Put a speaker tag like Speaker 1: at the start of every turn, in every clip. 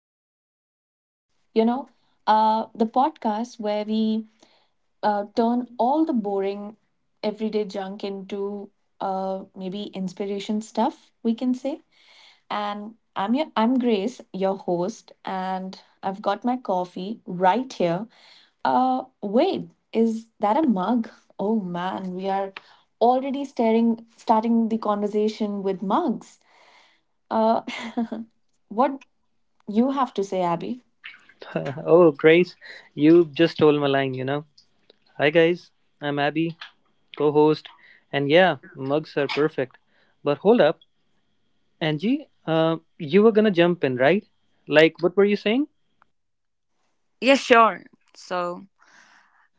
Speaker 1: Everyday Sparks. You know, the podcast where we turn all the boring everyday junk into maybe inspiration stuff, we can say. And I'm Grace, your host, and I've got my coffee right here. Wait, is that a mug? Oh man, we are already starting the conversation with mugs. Uh, what you have to say, Abby?
Speaker 2: Oh, Grace, you just stole my line. Hi, guys. I'm Abby, co host. And yeah, mugs are perfect. But hold up, Angie, you were gonna jump in, right? Like, what were you saying?
Speaker 3: Yeah, sure. So,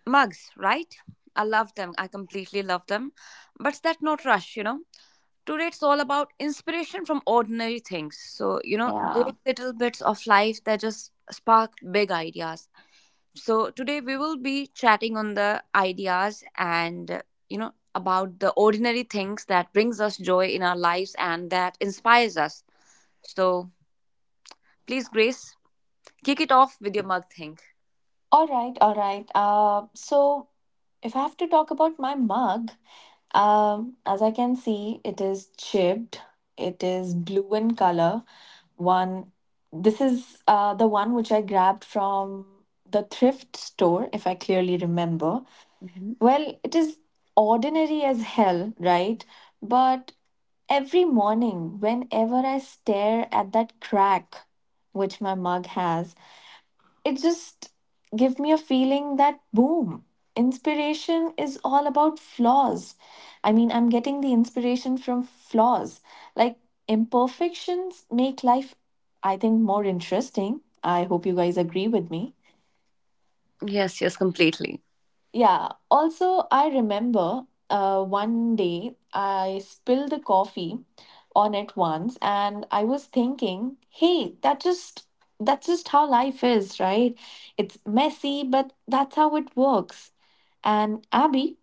Speaker 3: mugs, right? I love them. I completely love them. But that not rush, you know. Today it's all about inspiration from ordinary things. So, you know,
Speaker 1: Yeah.
Speaker 3: those little bits of life that just spark big ideas. So, today we will be chatting on the ideas and, you know, about the ordinary things that brings us joy in our lives and that inspires us. So, please Grace, kick it off with your mug thing.
Speaker 1: All right, all right. If I have to talk about my mug, as I can see, it is chipped. It is blue in color. One, this is the one which I grabbed from the thrift store, if I clearly remember.
Speaker 3: Mhm.
Speaker 1: Well, it is ordinary as hell, right? But every morning, whenever I stare at that crack which my mug has, it just give me a feeling that boom, inspiration is all about flaws. I mean, I'm getting the inspiration from flaws, like imperfections make life, I think, more interesting. I hope you guys agree with me.
Speaker 3: Yes, yes, completely.
Speaker 1: Yeah. Also, I remember one day I spilled the coffee on it once, and I was thinking, hey, that's just how life is, right? It's messy, but that's how it works. And Abby,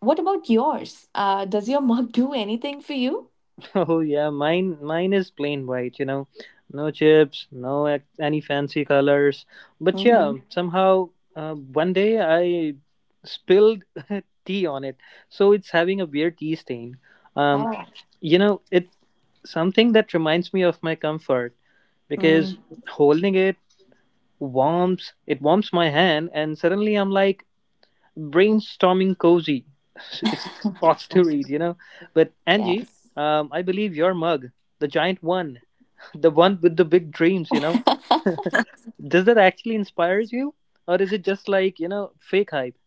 Speaker 1: what about yours? Does your mug do anything for you?
Speaker 2: Oh yeah, mine is plain white, you know. No chips, no any fancy colors. But
Speaker 1: Mm-hmm.
Speaker 2: yeah, somehow one day I spilled tea on it. So it's having a weird tea stain.
Speaker 1: All
Speaker 2: Um
Speaker 1: right.
Speaker 2: you know, it something that reminds me of my comfort
Speaker 1: Mm.
Speaker 2: because holding it warms my hand and suddenly I'm like brainstorming cozy. It's lots to read, you know. But Angie,
Speaker 1: Yes.
Speaker 2: I believe your mug, the giant one, the one with the big dreams, you know, does that actually inspires you, or is it just like you know fake hype?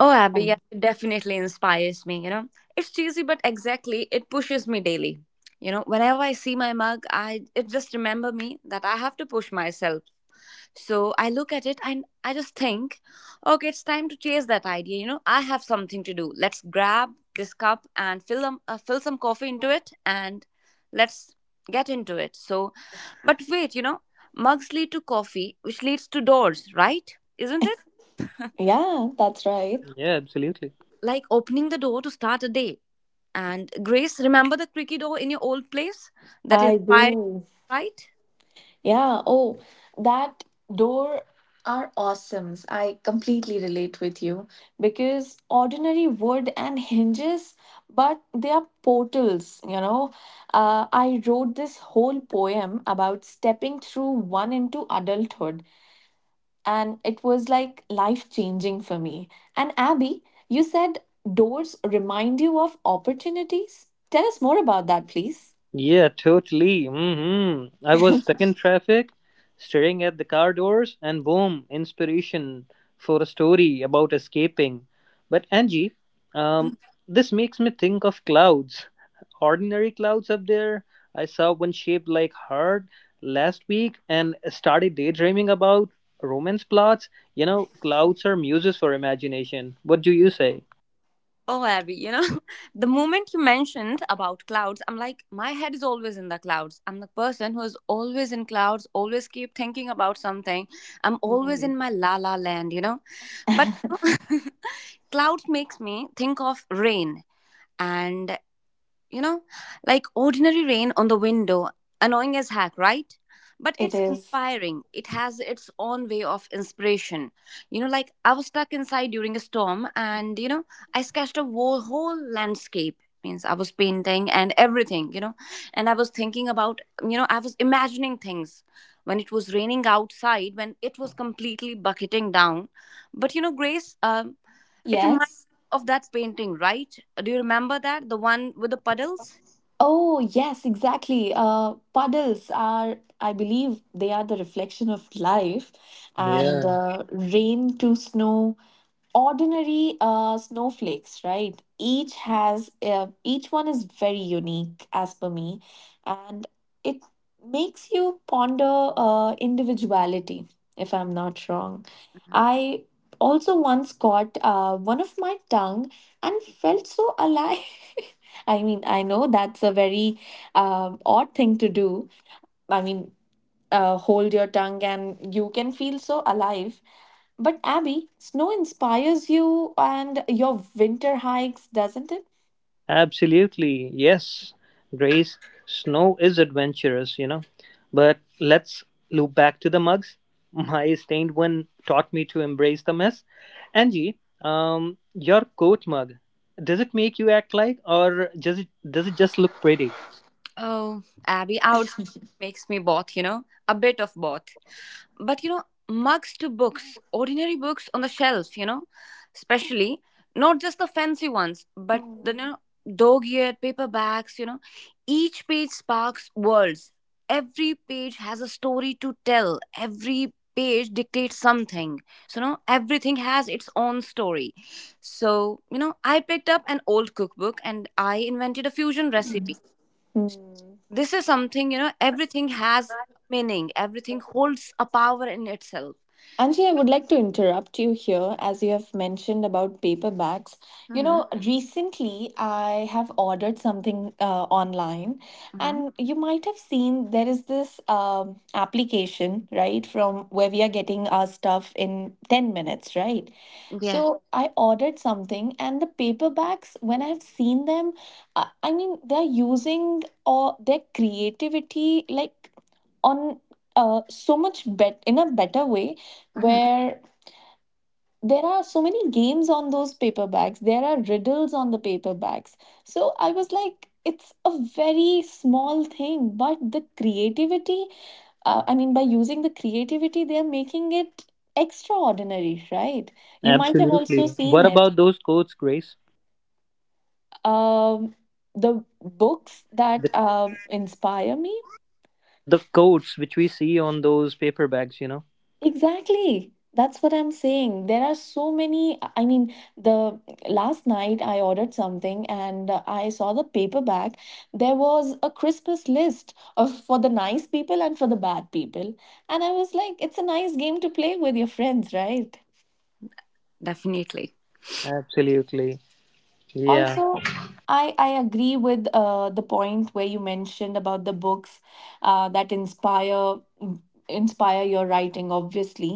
Speaker 3: Oh, Abby, yes, it definitely inspires me. You know, it's cheesy, but exactly, it pushes me daily. You know, whenever I see my mug, I it just remember me that I have to push myself. So I look at it and I just think, okay, it's time to chase that idea. You know, I have something to do. Let's grab this cup and fill them, fill some coffee into it, and let's get into it. So, but wait, you know, mugs lead to coffee, which leads to doors, right? Isn't it?
Speaker 1: Yeah, that's right.
Speaker 2: Yeah, absolutely.
Speaker 3: Like opening the door to start a day. And Grace, remember the creaky door in your old place that
Speaker 1: I
Speaker 3: inspired, you,
Speaker 1: do.
Speaker 3: right?
Speaker 1: Yeah, oh, that door are awesomes. I completely relate with you because ordinary wood and hinges, but they are portals, you know. I wrote this whole poem about stepping through one into adulthood, and it was like life changing for me. And Abby, you said doors remind you of opportunities. Tell us more about that, please.
Speaker 2: Yeah, totally. I was stuck in traffic, staring at the car doors, and boom, inspiration for a
Speaker 1: Yeah.
Speaker 2: story about escaping. But Angie, um, this makes me think of clouds. Ordinary clouds up there. I saw one shaped like heart last week and started daydreaming about romance plots. You know, clouds are muses for imagination. What do you say?
Speaker 3: Oh, Abby, you know, the moment you mentioned about clouds, I'm like, my head is always in the clouds. I'm the person who is always in clouds, always keep thinking about something. I'm always in
Speaker 1: Mm.
Speaker 3: my la la land, you know. But clouds makes me think of rain. And you know, like ordinary rain on the window, annoying as heck, right? But
Speaker 1: It
Speaker 3: it's
Speaker 1: is.
Speaker 3: inspiring. It has its own way of inspiration. You know, like I was stuck inside during a storm and, you know, I sketched a whole landscape. Means I was painting and everything, you know, and I was thinking about, you know, I was imagining things when it was raining outside, when it was completely bucketing down. But, you know, Grace, it reminds
Speaker 1: Yes.
Speaker 3: me of that painting, right? Do you remember that? The one with the puddles?
Speaker 1: Oh, yes, exactly. Puddles are, I believe, they are the reflection of life, and
Speaker 2: Yeah.
Speaker 1: rain to snow, ordinary snowflakes, right? Each one is very unique as per me, and it makes you ponder individuality. If I'm not wrong,
Speaker 3: Mhm.
Speaker 1: I also once caught one of my tongue and felt so alive. I mean, I know that's a very odd thing to do. I mean, hold your tongue and you can feel so alive. But Abby, snow inspires you and your winter hikes, doesn't it?
Speaker 2: Absolutely. Yes, Grace, snow is adventurous, you know. But let's loop back to the mugs. My stained one taught me to embrace the mess. Angie, your coat mug, does it make you act like or does it just look pretty?
Speaker 3: Oh, Abby, I would say it makes me both, you know, a bit of both. But you know, mugs to books, ordinary books on the shelf, you know, especially not just the fancy ones, but the you
Speaker 1: Hmm.
Speaker 3: know, dog-eared paperbacks, you know, each page sparks worlds. Every page has a story to tell. Every page dictates something. So, you know, everything has its own story. So, you know, I picked up an old cookbook and I invented a fusion recipe. So,
Speaker 1: Hmm.
Speaker 3: this is something, you know, everything has meaning, everything holds a power in itself.
Speaker 1: Anji,
Speaker 3: So,
Speaker 1: I would like to interrupt you here as you have mentioned about paper bags. You
Speaker 3: mhm,
Speaker 1: know, recently I have ordered something online,
Speaker 3: mhm,
Speaker 1: and you might have seen there is this application, right, from where we are getting our stuff in 10 minutes, right?
Speaker 3: yeah,
Speaker 1: So I ordered something, and the paper bags, when I have seen them, I mean, they're using or their creativity like on so much bet in a better way,
Speaker 3: mhm,
Speaker 1: where there are so many games on those paper bags. There are riddles on the paper bags. So I was like, it's a very small thing, but the creativity, I mean, by using the creativity they are making it extraordinary, right? You might have also
Speaker 2: Absolutely.
Speaker 1: seen
Speaker 2: What
Speaker 1: it.
Speaker 2: about those coats, Grace?
Speaker 1: um, the books
Speaker 2: The
Speaker 1: that inspire me.
Speaker 2: the coats which we see on those paper bags, you know?
Speaker 1: Exactly. That's what I'm saying. There are so many. I mean, the last night I ordered something, and I saw the paperback. There was a Christmas list of for the nice people and for the bad people. And I was like, it's a nice game to play with your friends, right?
Speaker 3: definitely.
Speaker 2: Absolutely. Yeah.
Speaker 1: Also, I agree with the point where you mentioned about the books, that inspire your writing obviously,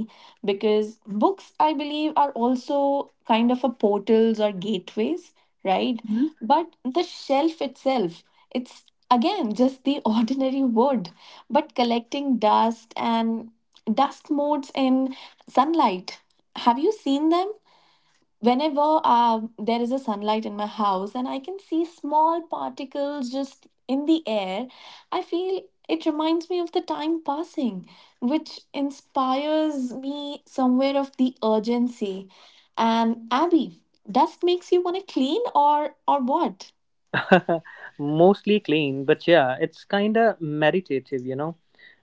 Speaker 1: because books I believe are also kind of a portals or gateways, right?
Speaker 3: Mhm,
Speaker 1: But the shelf itself, it's again just the ordinary wood, but collecting dust and dust motes in sunlight. Have you seen them? Whenever there is a sunlight in my house and I can see small particles just in the air, I feel it reminds me of the time passing, which inspires me somewhere of the urgency. And Abby, dust makes you want to clean, or what?
Speaker 2: Mostly clean, but yeah, it's kind of meditative, you know,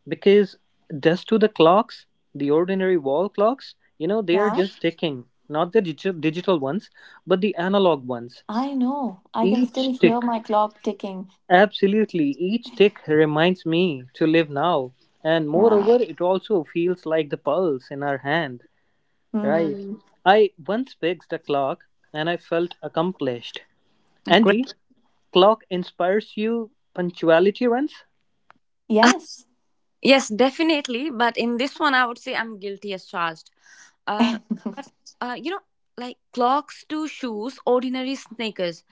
Speaker 2: because just to the clocks, the ordinary wall clocks, you know, they are
Speaker 1: Yeah.
Speaker 2: just ticking, not the digital ones, but the analog ones.
Speaker 1: I know I can still
Speaker 2: Each
Speaker 1: hear
Speaker 2: tick,
Speaker 1: my clock ticking.
Speaker 2: absolutely, each tick reminds me to live now. And
Speaker 1: Yeah.
Speaker 2: moreover, it also feels like the pulse in our hand, right?
Speaker 1: Hmm.
Speaker 2: I once fixed a clock and I felt accomplished.
Speaker 3: agree.
Speaker 2: Angie? Clock inspires you punctuality runs?
Speaker 1: Yes.
Speaker 3: Yes, definitely, but in this one I would say I'm guilty as charged. uh but you know, like clocks to shoes, ordinary sneakers,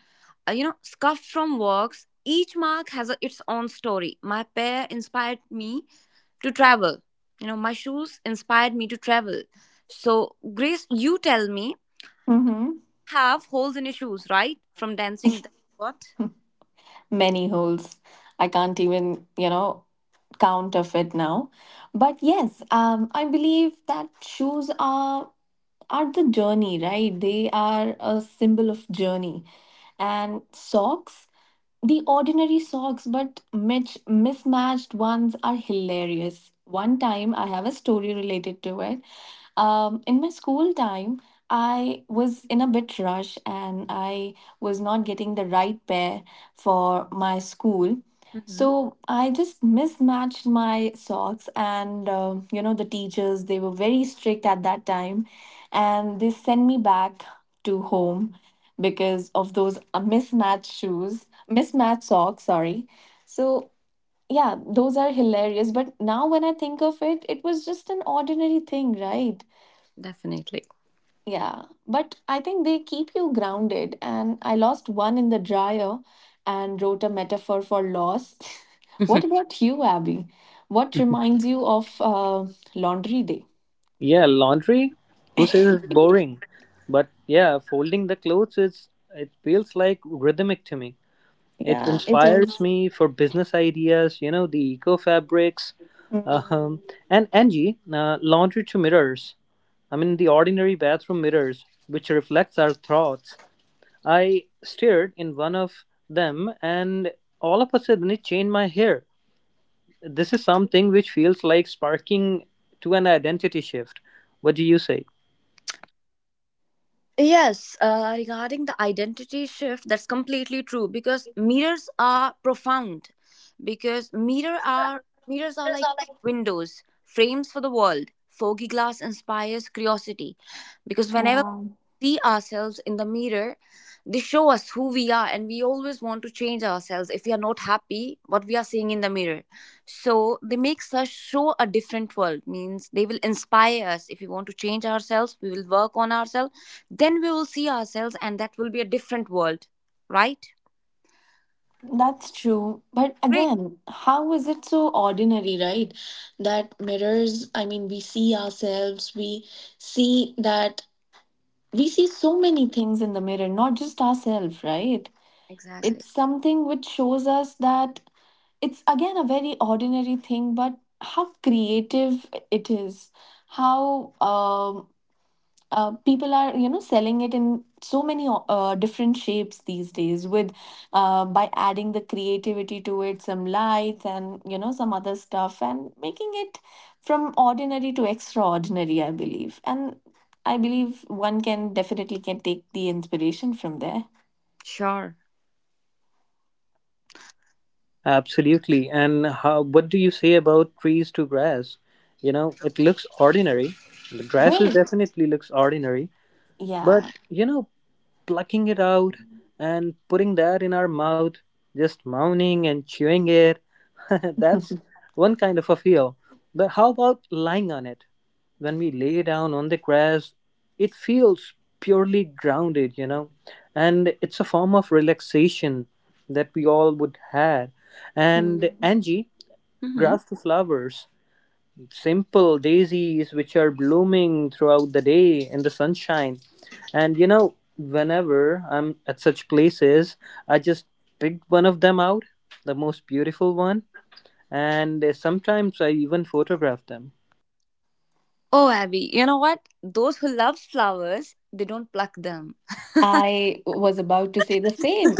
Speaker 3: you know, scuffed from works. Each mark has a, its own story. My pair inspired me to travel. You know, my shoes inspired me to travel. So, Grace, you tell me,
Speaker 1: Mm-hmm.
Speaker 3: have holes in your shoes, right? From dancing, what?
Speaker 1: Many holes. I can't even, you know, count of it now. But yes, I believe that shoes are the journey, right? They are a symbol of journey. And socks, the ordinary socks, but mismatched ones are hilarious. One time, I have a story related to it. In my school time, I was in a bit rush, and I was not getting the right pair for my school.
Speaker 3: Hmm.
Speaker 1: So I just mismatched my socks, and you know, the teachers, they were very strict at that time, and they sent me back to home because of those mismatched shoes, mismatched socks, sorry. So, yeah, those are hilarious. But now when I think of it, it was just an ordinary thing, right?
Speaker 3: Definitely.
Speaker 1: Yeah, but I think they keep you grounded. And I lost one in the dryer and wrote a metaphor for loss. What about you, Abby? What reminds you of laundry day?
Speaker 2: Yeah, laundry. Who says it's boring? But yeah, folding the clothes is it feels like rhythmic to me. It
Speaker 1: Yeah, it
Speaker 2: inspires
Speaker 1: is.
Speaker 2: me for business ideas. You know the eco fabrics, um,
Speaker 1: Mm.
Speaker 2: and Angie, laundry to mirrors. I mean the ordinary bathroom mirrors, which reflects our thoughts. I stared in one of them, and all of a sudden it changed my hair. This is something which feels like sparking to an identity shift. What do you say?
Speaker 3: Yes, regarding the identity shift, that's completely true because mirrors are profound. Because mirrors are like windows, frames for the world. Foggy glass inspires curiosity, because whenever
Speaker 1: Yeah.
Speaker 3: see ourselves in the mirror, they show us who we are, and we always want to change ourselves if we are not happy what we are seeing in the mirror. So they make us show a different world. Means they will inspire us. If we want to change ourselves, we will work on ourselves, then we will see ourselves, and that will be a different world, right?
Speaker 1: That's true. But
Speaker 3: Great.
Speaker 1: again, how is it so ordinary, right? That mirrors, I mean, we see ourselves, see that we see so many things in the mirror, not just ourselves, right?
Speaker 3: Exactly.
Speaker 1: It's something which shows us that it's again a very ordinary thing, but how creative it is, how people are, you know, selling it in so many different shapes these days with by adding the creativity to it, some lights and, you know, some other stuff, and making it from ordinary to extraordinary, I believe. And I believe one can definitely can take the inspiration from there.
Speaker 3: Sure.
Speaker 2: Absolutely. And how, what do you say about trees to grass? You know, it looks ordinary. The grasses
Speaker 1: Great.
Speaker 2: definitely looks ordinary. But,
Speaker 1: Yeah.
Speaker 2: you know, plucking it out and putting that in our mouth, just moaning and chewing it. That's one kind of a feel. But how about lying on it? When we lay down on the grass, it feels purely grounded, you know, and it's a form of relaxation that we all would have. And
Speaker 1: Mm.
Speaker 2: Angie,
Speaker 3: Hmm.
Speaker 2: grass to flowers, simple daisies which are blooming throughout the day in the sunshine. And you know, whenever I'm at such places, I just pick one of them out, the most beautiful one, and sometimes I even photograph them.
Speaker 3: Oh, Abby, you know what, those who love flowers, they don't pluck them.
Speaker 1: I was about to say the same.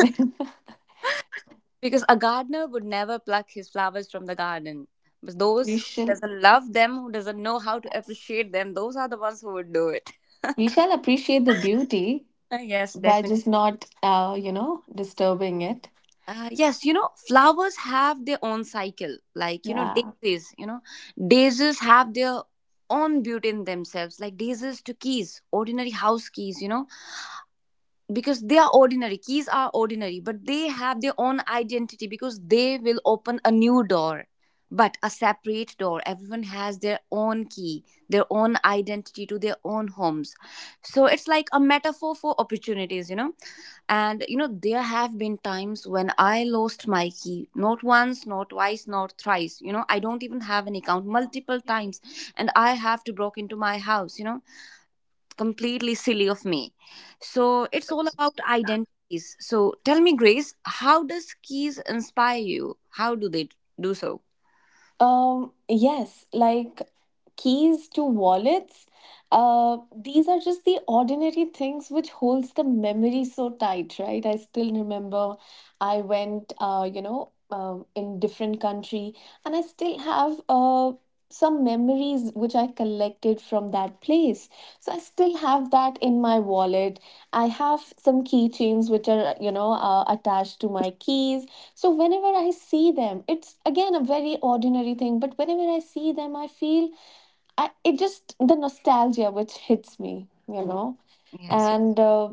Speaker 3: Because a gardener would never pluck his flowers from the garden. But
Speaker 1: We
Speaker 3: those who
Speaker 1: shall.
Speaker 3: doesn't love them, who doesn't know how to
Speaker 1: Yes.
Speaker 3: appreciate them, those are the ones who would do it.
Speaker 1: We shall appreciate the beauty
Speaker 3: Yes,
Speaker 1: by
Speaker 3: definitely.
Speaker 1: just not disturbing it.
Speaker 3: Yes, you know, flowers have their own cycle. Like,
Speaker 1: Yeah.
Speaker 3: you know, daisies have their own beauty in themselves. Like daisies to keys, ordinary house keys, you know, because they are ordinary. Keys are ordinary, but they have their own identity because they will open a new door, but a separate door. Everyone has their own key, their own identity to their own homes. So it's like a metaphor for opportunities, you know. And you know, there have been times when I lost my key. Not once, not twice, not thrice. You know, I don't even have an account, multiple times. And I have to broke into my house, you know. Completely silly of me. So it's all about identities. So tell me, Grace, how does keys inspire you? How do they do so?
Speaker 1: Yes, like keys to wallets. These are just the ordinary things which holds the memory so tight, right? I still remember I went, in different country, and I still have some memories which I collected from that place. So I still have that in my wallet. I have some keychains which are, you know, attached to my keys. So whenever I see them, it's again a very ordinary thing, but whenever I see them, I feel it just the nostalgia which hits me, you know.
Speaker 3: Yes.
Speaker 1: And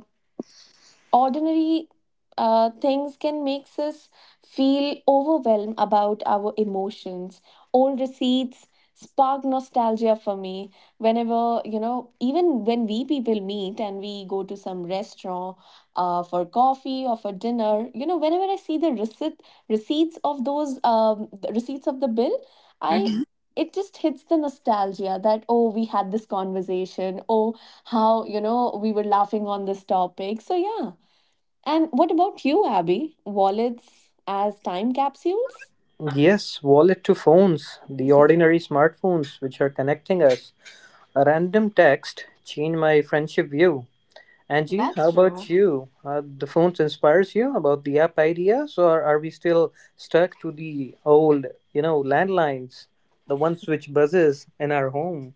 Speaker 1: ordinary things can make us feel overwhelmed about our emotions. Old receipts spark nostalgia for me whenever, you know, even when we people meet and we go to some restaurant for coffee or for dinner, you know, whenever I see the receipt, receipts of those the receipts of the bill, I
Speaker 3: Mhm.
Speaker 1: it just hits the nostalgia that, oh, we had this conversation, oh, how, you know, we were laughing on this topic. So yeah. And what about you, Abby? Wallets as time capsules?
Speaker 2: Yes, wallet to phones, the ordinary smartphones which are connecting us. A random text changed my friendship view. Angie,
Speaker 1: That's
Speaker 2: how about
Speaker 1: true.
Speaker 2: you? The phones inspires you about the app ideas, or are we still stuck to the old, you know, landlines, the ones which buzzes in our home?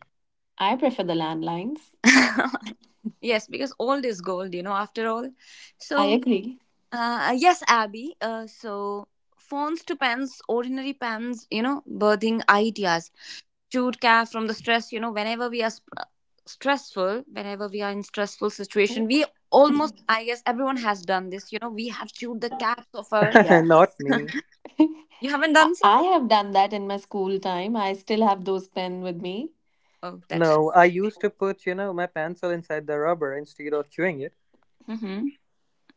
Speaker 1: I prefer the landlines.
Speaker 3: Yes, because old is gold, you know, after all.
Speaker 1: I
Speaker 3: So,
Speaker 1: agree.
Speaker 3: yes, Abby. So, phones to pens, ordinary pens, you know, birthing ideas. Chewed calf from the stress, you know, whenever we are stressful, whenever we are in stressful situation, we almost, I guess everyone has done this, you know, we have chewed the caps of our,
Speaker 2: Not
Speaker 1: Yes.
Speaker 2: me.
Speaker 3: you haven't
Speaker 1: I
Speaker 3: done so?
Speaker 1: I have done that in my school time. I still have those pen with me.
Speaker 3: Oh, that's,
Speaker 2: No, I used to put, you know, my pencil inside the rubber instead of chewing it.
Speaker 3: hmm.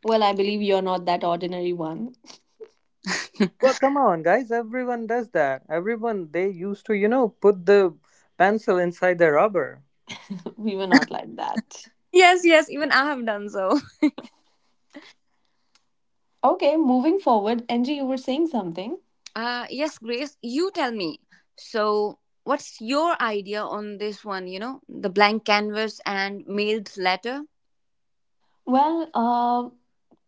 Speaker 1: Well, I believe you're not that ordinary one.
Speaker 2: Well, come on, guys, everyone does that. Everyone, they used to, you know, put the pencil inside the rubber.
Speaker 1: We were not like that.
Speaker 3: Yes, yes, even I have done so.
Speaker 1: Okay, moving forward, Angie, you were saying something.
Speaker 3: Yes, Grace, you tell me. So, what's your idea on this one, you know, the blank canvas and mailed letter?
Speaker 1: Well,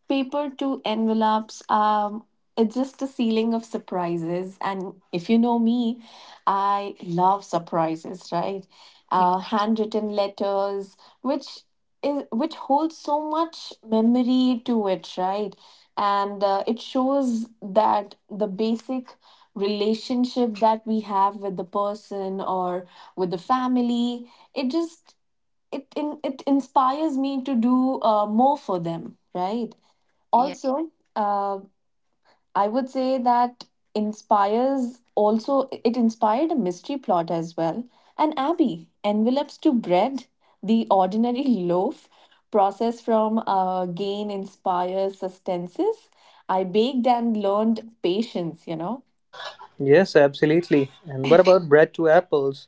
Speaker 1: paper to envelopes. It's just a ceiling of surprises, and if you know me, I love surprises, right? Handwritten letters which which holds so much memory to it, right? And it shows that the basic relationship that we have with the person or with the family, it just it inspires me to do more for them, right?
Speaker 3: Yeah.
Speaker 1: Also, uh, I would say that inspires also, it inspired a mystery plot as well. And Abby, envelopes to bread, the ordinary loaf process from gain inspires sustenances. I baked and learned patience, you know.
Speaker 2: Yes, absolutely. And what about bread to apples?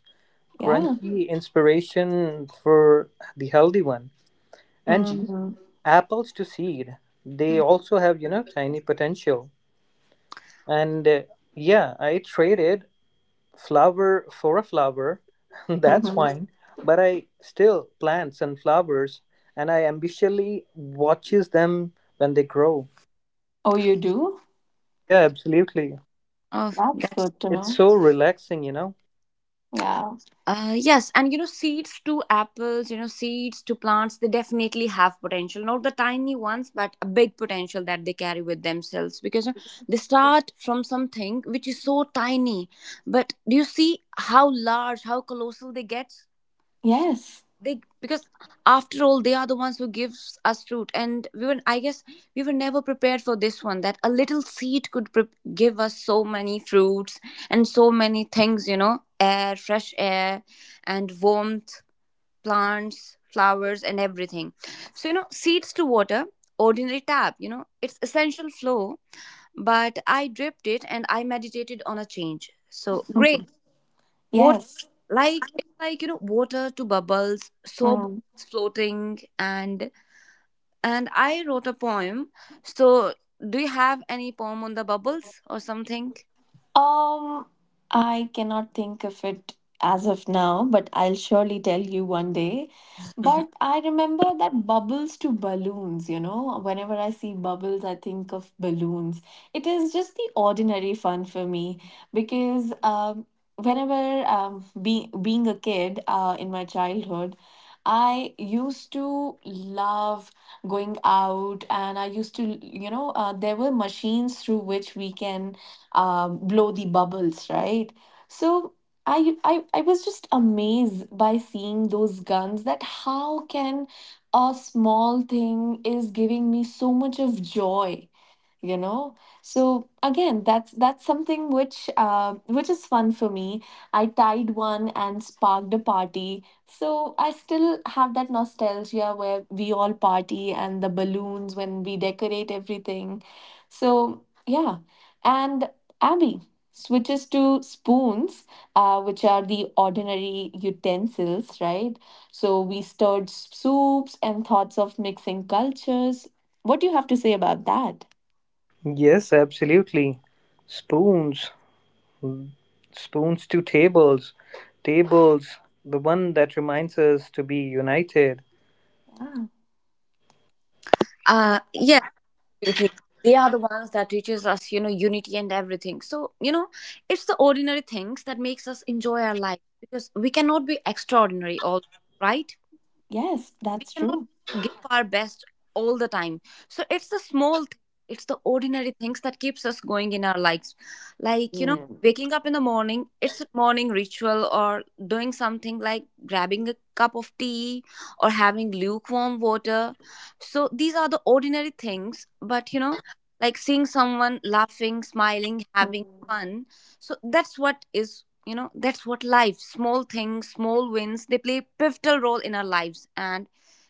Speaker 1: Yeah.
Speaker 2: Crunchy inspiration for the healthy one. Angie,
Speaker 1: Hmm.
Speaker 2: apples to seed, they
Speaker 3: Mm.
Speaker 2: also have, you know, tiny potential. And yeah, I traded flower for a flower. That's
Speaker 1: Hmm.
Speaker 2: fine. But I still plant sunflowers and I ambitiously watches them when they grow.
Speaker 1: Oh, you do?
Speaker 2: Yeah, absolutely.
Speaker 3: Oh,
Speaker 1: That's
Speaker 3: that's.
Speaker 1: good to
Speaker 2: It's
Speaker 1: know.
Speaker 2: so relaxing, you know.
Speaker 1: Yeah.
Speaker 3: Yes, and you know, seeds to apples, you know, seeds to plants, they definitely have potential. Not the tiny ones, but a big potential that they carry with themselves, because you know, they start from something which is so tiny. But do you see how large, how colossal they get?
Speaker 1: Yes.
Speaker 3: They, because after all, they are the ones who gives us fruit. And we were, I guess, we were never prepared for this one, that a little seed could give us so many fruits and so many things, you know, air, fresh air, and warmth, plants, flowers, and everything. So you know, seeds to water, ordinary tap, you know, it's essential flow, but I dripped it and I meditated on a change, so great. Water,
Speaker 1: Yes.
Speaker 3: like it's like, you know, water to bubbles, so bubbles floating and I wrote a poem. So, do you have any poem on the bubbles or something?
Speaker 1: Um, I cannot think of it as of now, but I'll surely tell you one day. But I remember that bubbles to balloons, you know, whenever I see bubbles, I think of balloons. It is just the ordinary fun for me because whenever being a kid in my childhood, I used to love going out, and I used to, you know, there were machines through which we can blow the bubbles, right? So I was just amazed by seeing those guns that how can a small thing is giving me so much of joy, you know. So again, that's something which is fun for me. I tied one and sparked a party, so I still have that nostalgia where we all party and the balloons when we decorate everything. So yeah. And Abby switches to spoons, which are the ordinary utensils, right? So we stirred soups and thoughts of mixing cultures. What do you have to say about that?
Speaker 2: Yes, absolutely. Spoons, spoons to tables, tables, the one that reminds us to be united.
Speaker 1: Ah,
Speaker 3: Yes, absolutely. They are the ones that teaches us, you know, unity and everything. So, you know, it's the ordinary things that makes us enjoy our life, because we cannot be extraordinary all, right?
Speaker 1: yes,
Speaker 3: We
Speaker 1: that's
Speaker 3: cannot
Speaker 1: true.
Speaker 3: give our best all the time. So it's the small thing, it's the ordinary things that keeps us going in our lives. Like you know,
Speaker 1: Mm.
Speaker 3: waking up in the morning, it's a morning ritual, or doing something like grabbing a cup of tea, or having lukewarm water. So these are the ordinary things, but you know, like seeing someone laughing, smiling, having
Speaker 1: Mm,
Speaker 3: fun. So that's what is, you know, that's what life, small things, small wins, they play pivotal role in our lives, and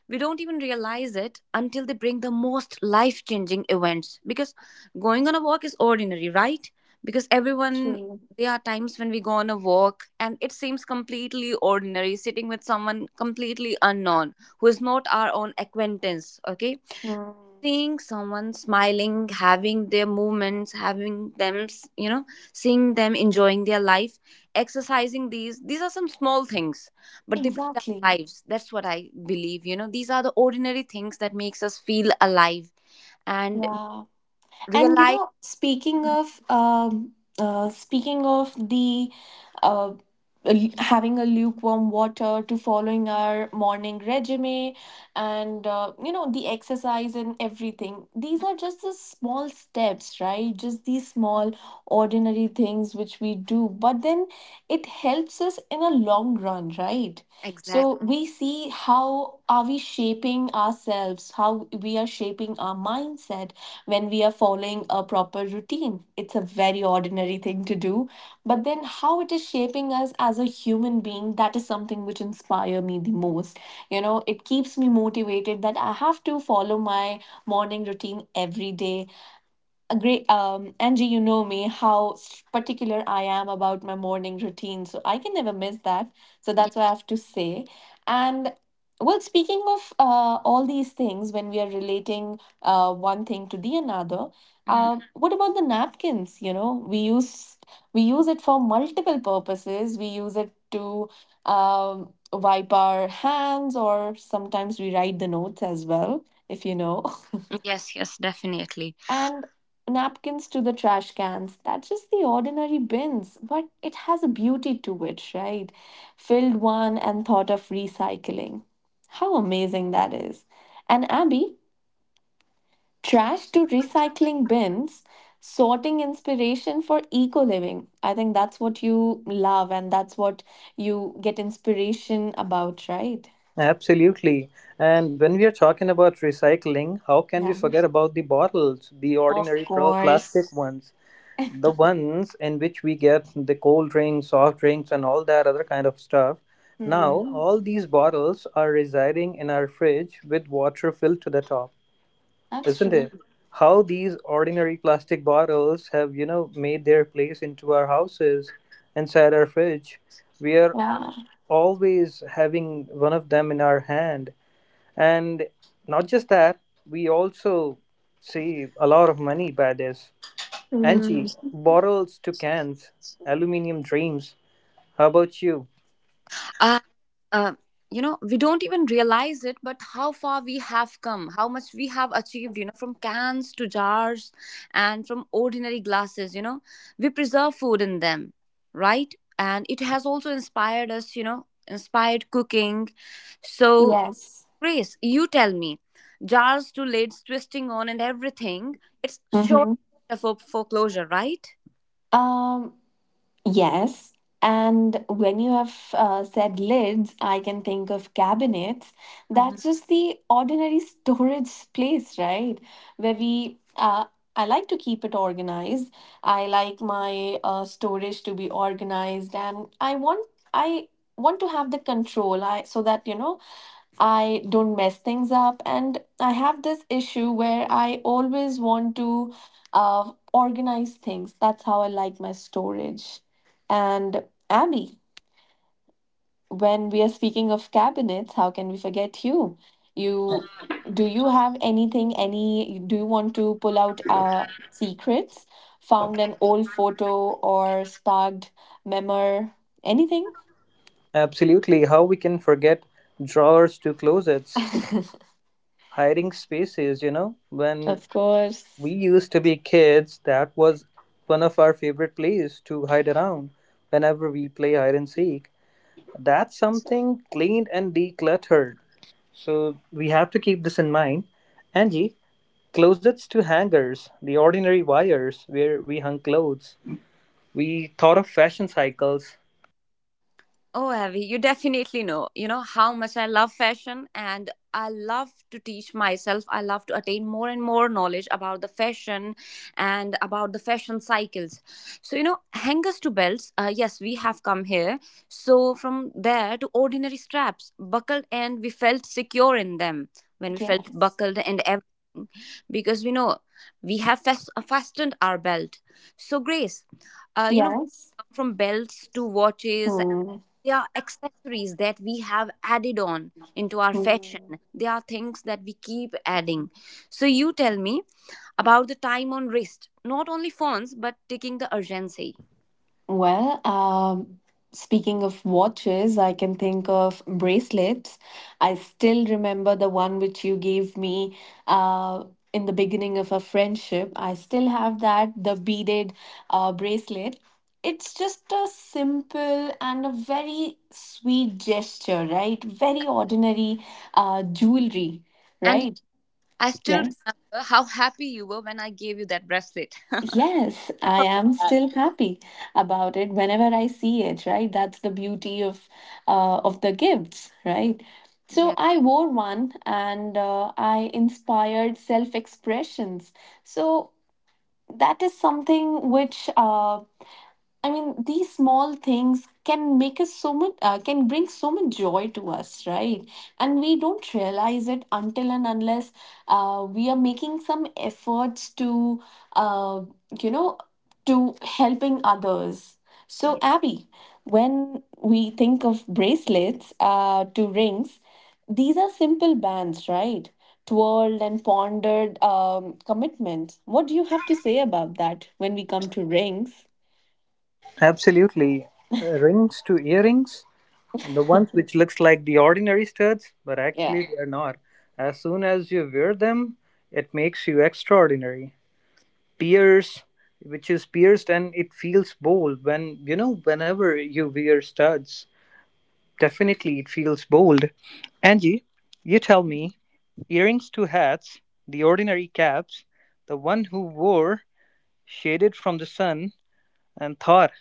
Speaker 3: we don't even realize it until they bring the most life changing events. Because going on a walk is ordinary, right? Because everyone,
Speaker 1: true.
Speaker 3: there are times when we go on a walk and it seems completely ordinary, sitting with someone completely unknown, who is not our own acquaintance, okay,
Speaker 1: Mm.
Speaker 3: seeing someone smiling, having their movements, having them you know, seeing them enjoying their life, exercising, these are some small things, but they build our
Speaker 1: Exactly.
Speaker 3: lives. That's what I believe, you know, these are the ordinary things that makes us feel alive. And
Speaker 1: Yeah. And you
Speaker 3: realize.
Speaker 1: know, speaking of the uh, having a lukewarm water to following our morning regime, and you know, the exercise and everything, these are just the small steps, right? Just these small ordinary things which we do, but then it helps us in a long run, right?
Speaker 3: Exactly.
Speaker 1: So we see how are we shaping ourselves, how we are shaping our mindset when we are following a proper routine. It's a very ordinary thing to do, but then how it is shaping us as a human being, that is something which inspires me the most. You know, it keeps me motivated that I have to follow my morning routine every day. Agree. Angie, you know me, how particular I am about my morning routine, so I can never miss that. So that's what I have to say. And well, speaking of all these things, when we are relating one thing to the another, what about the napkins? You know, we use, we use it for multiple purposes. We use it to wipe our hands, or sometimes we write the notes as well, if you know.
Speaker 3: Yes, yes, definitely.
Speaker 1: And napkins to the trash cans. That's just the ordinary bins, but it has a beauty to it, right? Filled one and thought of recycling. How amazing that is. And Abby, trash to recycling bins, sorting inspiration for eco living. I think that's what you love, and that's what you get inspiration about, right?
Speaker 2: Absolutely. And when we are talking about recycling, how can we
Speaker 1: Yeah,
Speaker 2: forget about the bottles, the
Speaker 1: of
Speaker 2: ordinary plastic
Speaker 1: course.
Speaker 2: ones, the ones in which we get the cold drinks, soft drinks, and all that other kind of stuff? Now,
Speaker 1: Hmm.
Speaker 2: all these bottles are residing in our fridge with water filled to the top,
Speaker 1: That's
Speaker 2: isn't
Speaker 1: true.
Speaker 2: it? How these ordinary plastic bottles have, you know, made their place into our houses, inside our fridge. We are
Speaker 1: Yeah.
Speaker 2: always having one of them in our hand and not just that, we also save a lot of money by this.
Speaker 1: Hmm.
Speaker 2: Angie, bottles to cans, aluminium dreams. How about you?
Speaker 3: Uh, uh, you know, we don't even realize it, but how far we have come, how much we have achieved, you know, from cans to jars, and from ordinary glasses, you know, we preserve food in them, right? And it has also inspired us, you know, inspired cooking. So
Speaker 1: Yes.
Speaker 3: Grace, you tell me, jars to lids, twisting on and everything, it's sure
Speaker 1: Mhm.
Speaker 3: a metaphor for foreclosure, right?
Speaker 1: Um, Yes. And when you have said lids, I can think of cabinets. That's just the ordinary storage place, right? Where we, I like to keep it organized. I like my storage to be organized, and I want to have the control. I, so that you know, I don't mess things up, and I have this issue where I always want to organize things. That's how I like my storage. And Abby, when we are speaking of cabinets, how can we forget you? You do you have anything, any, do you want to pull out secrets? Found an old photo or sparked memor, anything?
Speaker 2: Absolutely. How we can forget drawers to closets, hiding spaces, you know? When
Speaker 1: Of
Speaker 2: we
Speaker 1: course.
Speaker 2: used to be kids, that was one of our favorite places to hide around whenever we play hide and seek. That's something cleaned and decluttered. So we have to keep this in mind. Angie, closets to hangers, the ordinary wires where we hung clothes. We thought of fashion cycles.
Speaker 3: Oh, Avi, you definitely know, you know, how much I love fashion and I love to teach myself. I love to attain more and more knowledge about the fashion and about the fashion cycles. So, you know, hangers to belts, yes, we have come here. So, from there to ordinary straps, buckled, and we felt secure in them when we felt
Speaker 1: Yes.
Speaker 3: buckled and everything, because we know we have fastened our belt. So, Grace, you know,
Speaker 1: Yes.
Speaker 3: from belts to watches,
Speaker 1: Hmm.
Speaker 3: they are accessories that we have added on into our fashion.
Speaker 1: Hmm.
Speaker 3: They are things that we keep adding. So you tell me about the time on wrist, not only phones, but taking the urgency.
Speaker 1: Well, speaking of watches, I can think of bracelets. I still remember the one which you gave me, uh, in the beginning of our friendship. I still have that, the beaded bracelet. It's just a simple and a very sweet gesture, right? Very ordinary jewelry,
Speaker 3: And
Speaker 1: right?
Speaker 3: I still
Speaker 1: Yes.
Speaker 3: remember how happy you were when I gave you that bracelet.
Speaker 1: Yes, I
Speaker 3: For
Speaker 1: am
Speaker 3: that.
Speaker 1: still happy about it whenever I see it, right? That's the beauty of the gifts, right? So
Speaker 3: Yes.
Speaker 1: I wore one and I inspired self-expressions. So that is something which I mean, these small things can make us so much, can bring so much joy to us, right? And we don't realize it until and unless we are making some efforts to, uh, you know, to helping others. So,
Speaker 3: Yes.
Speaker 1: Abby, when we think of bracelets to rings, these are simple bands, right? Twirled and pondered commitments. What do you have to say about that when we come to rings?
Speaker 2: Absolutely. Rings to earrings, the ones which looks like the ordinary studs, but
Speaker 1: Yeah.
Speaker 2: actually they are not. As soon as you wear them, it makes you extraordinary. Pierce, which is pierced and it feels bold when you know whenever you wear studs. Definitely, it feels bold. Angie, you tell me earrings to hats, the ordinary caps, the one who wore shaded from the sun and thought.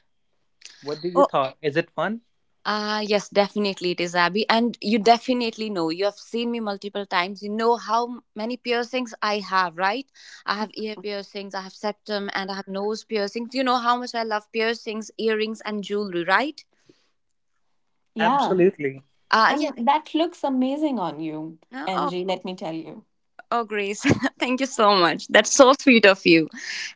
Speaker 2: What do you thought? Is it fun?
Speaker 3: Ah, yes, definitely it is, Abby. And you definitely know, you have seen me multiple times. You know how many piercings I have, right? I have ear piercings, I have septum, and I have nose piercings. You know how much I love piercings, earrings, and jewelry, right?
Speaker 1: Yeah,
Speaker 2: Absolutely.
Speaker 3: Ah, yes.
Speaker 1: and that looks amazing on you,
Speaker 3: Uh, oh,
Speaker 1: Angie, let me tell you.
Speaker 3: Oh, Grace, thank you so much. That's so sweet of you.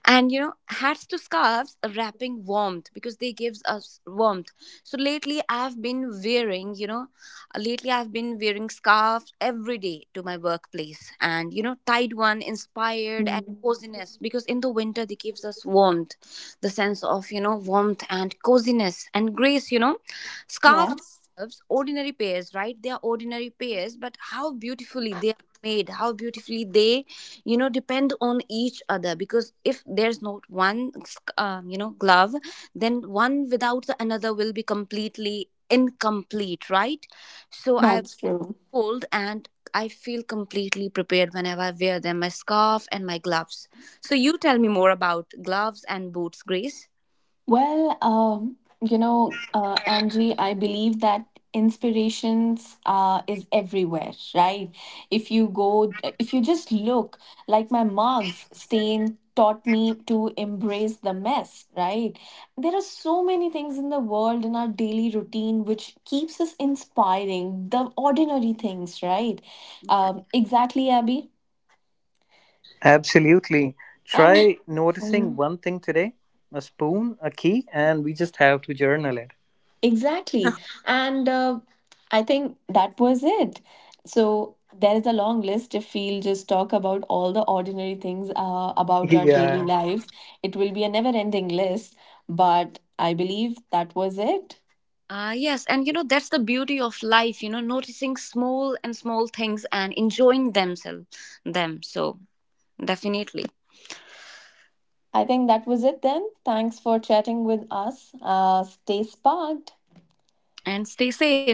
Speaker 3: And you know, hats to scarves, wrapping warmth because they gives us warmth. So lately, I've been wearing, you know, lately I've been wearing scarves every day to my workplace, and you know, tied one, inspired and
Speaker 1: Mm.
Speaker 3: coziness, because in the winter they gives us warmth, the sense of you know warmth and coziness. And Grace, you know, scarves to
Speaker 1: Yes,
Speaker 3: gloves, ordinary pairs, right? They are ordinary pairs, but how beautifully they made, how beautifully they, you know, depend on each other, because if there's not one, you know, glove, then one without the another will be completely incomplete, right? So I
Speaker 1: that's true.
Speaker 3: cold, and I feel completely prepared whenever I wear them, my scarf and my gloves. So you tell me more about gloves and boots, Grace.
Speaker 1: Well, you know, Angie, I believe that inspirations is everywhere, right? If you just look, like my mugs stain taught me to embrace the mess, right? There are so many things in the world, in our daily routine, which keeps us inspiring, the ordinary things, right?
Speaker 3: Yeah.
Speaker 1: Exactly, Abby.
Speaker 2: Absolutely.
Speaker 1: And
Speaker 2: Try noticing
Speaker 1: hmm.
Speaker 2: one thing today a spoon, a key, and we just have to journal it.
Speaker 1: Exactly. And I think that was it. So there is a long list. If we'll just talk about all the ordinary things about our daily
Speaker 2: Yeah.
Speaker 1: lives, it will be a never ending list. But I believe that was it.
Speaker 3: Yes, and you know, that's the beauty of life, you know, noticing small and small things and enjoying them. So. Definitely.
Speaker 1: I think that was it then. Thanks for chatting with us. Stay sparked.
Speaker 3: And stay safe.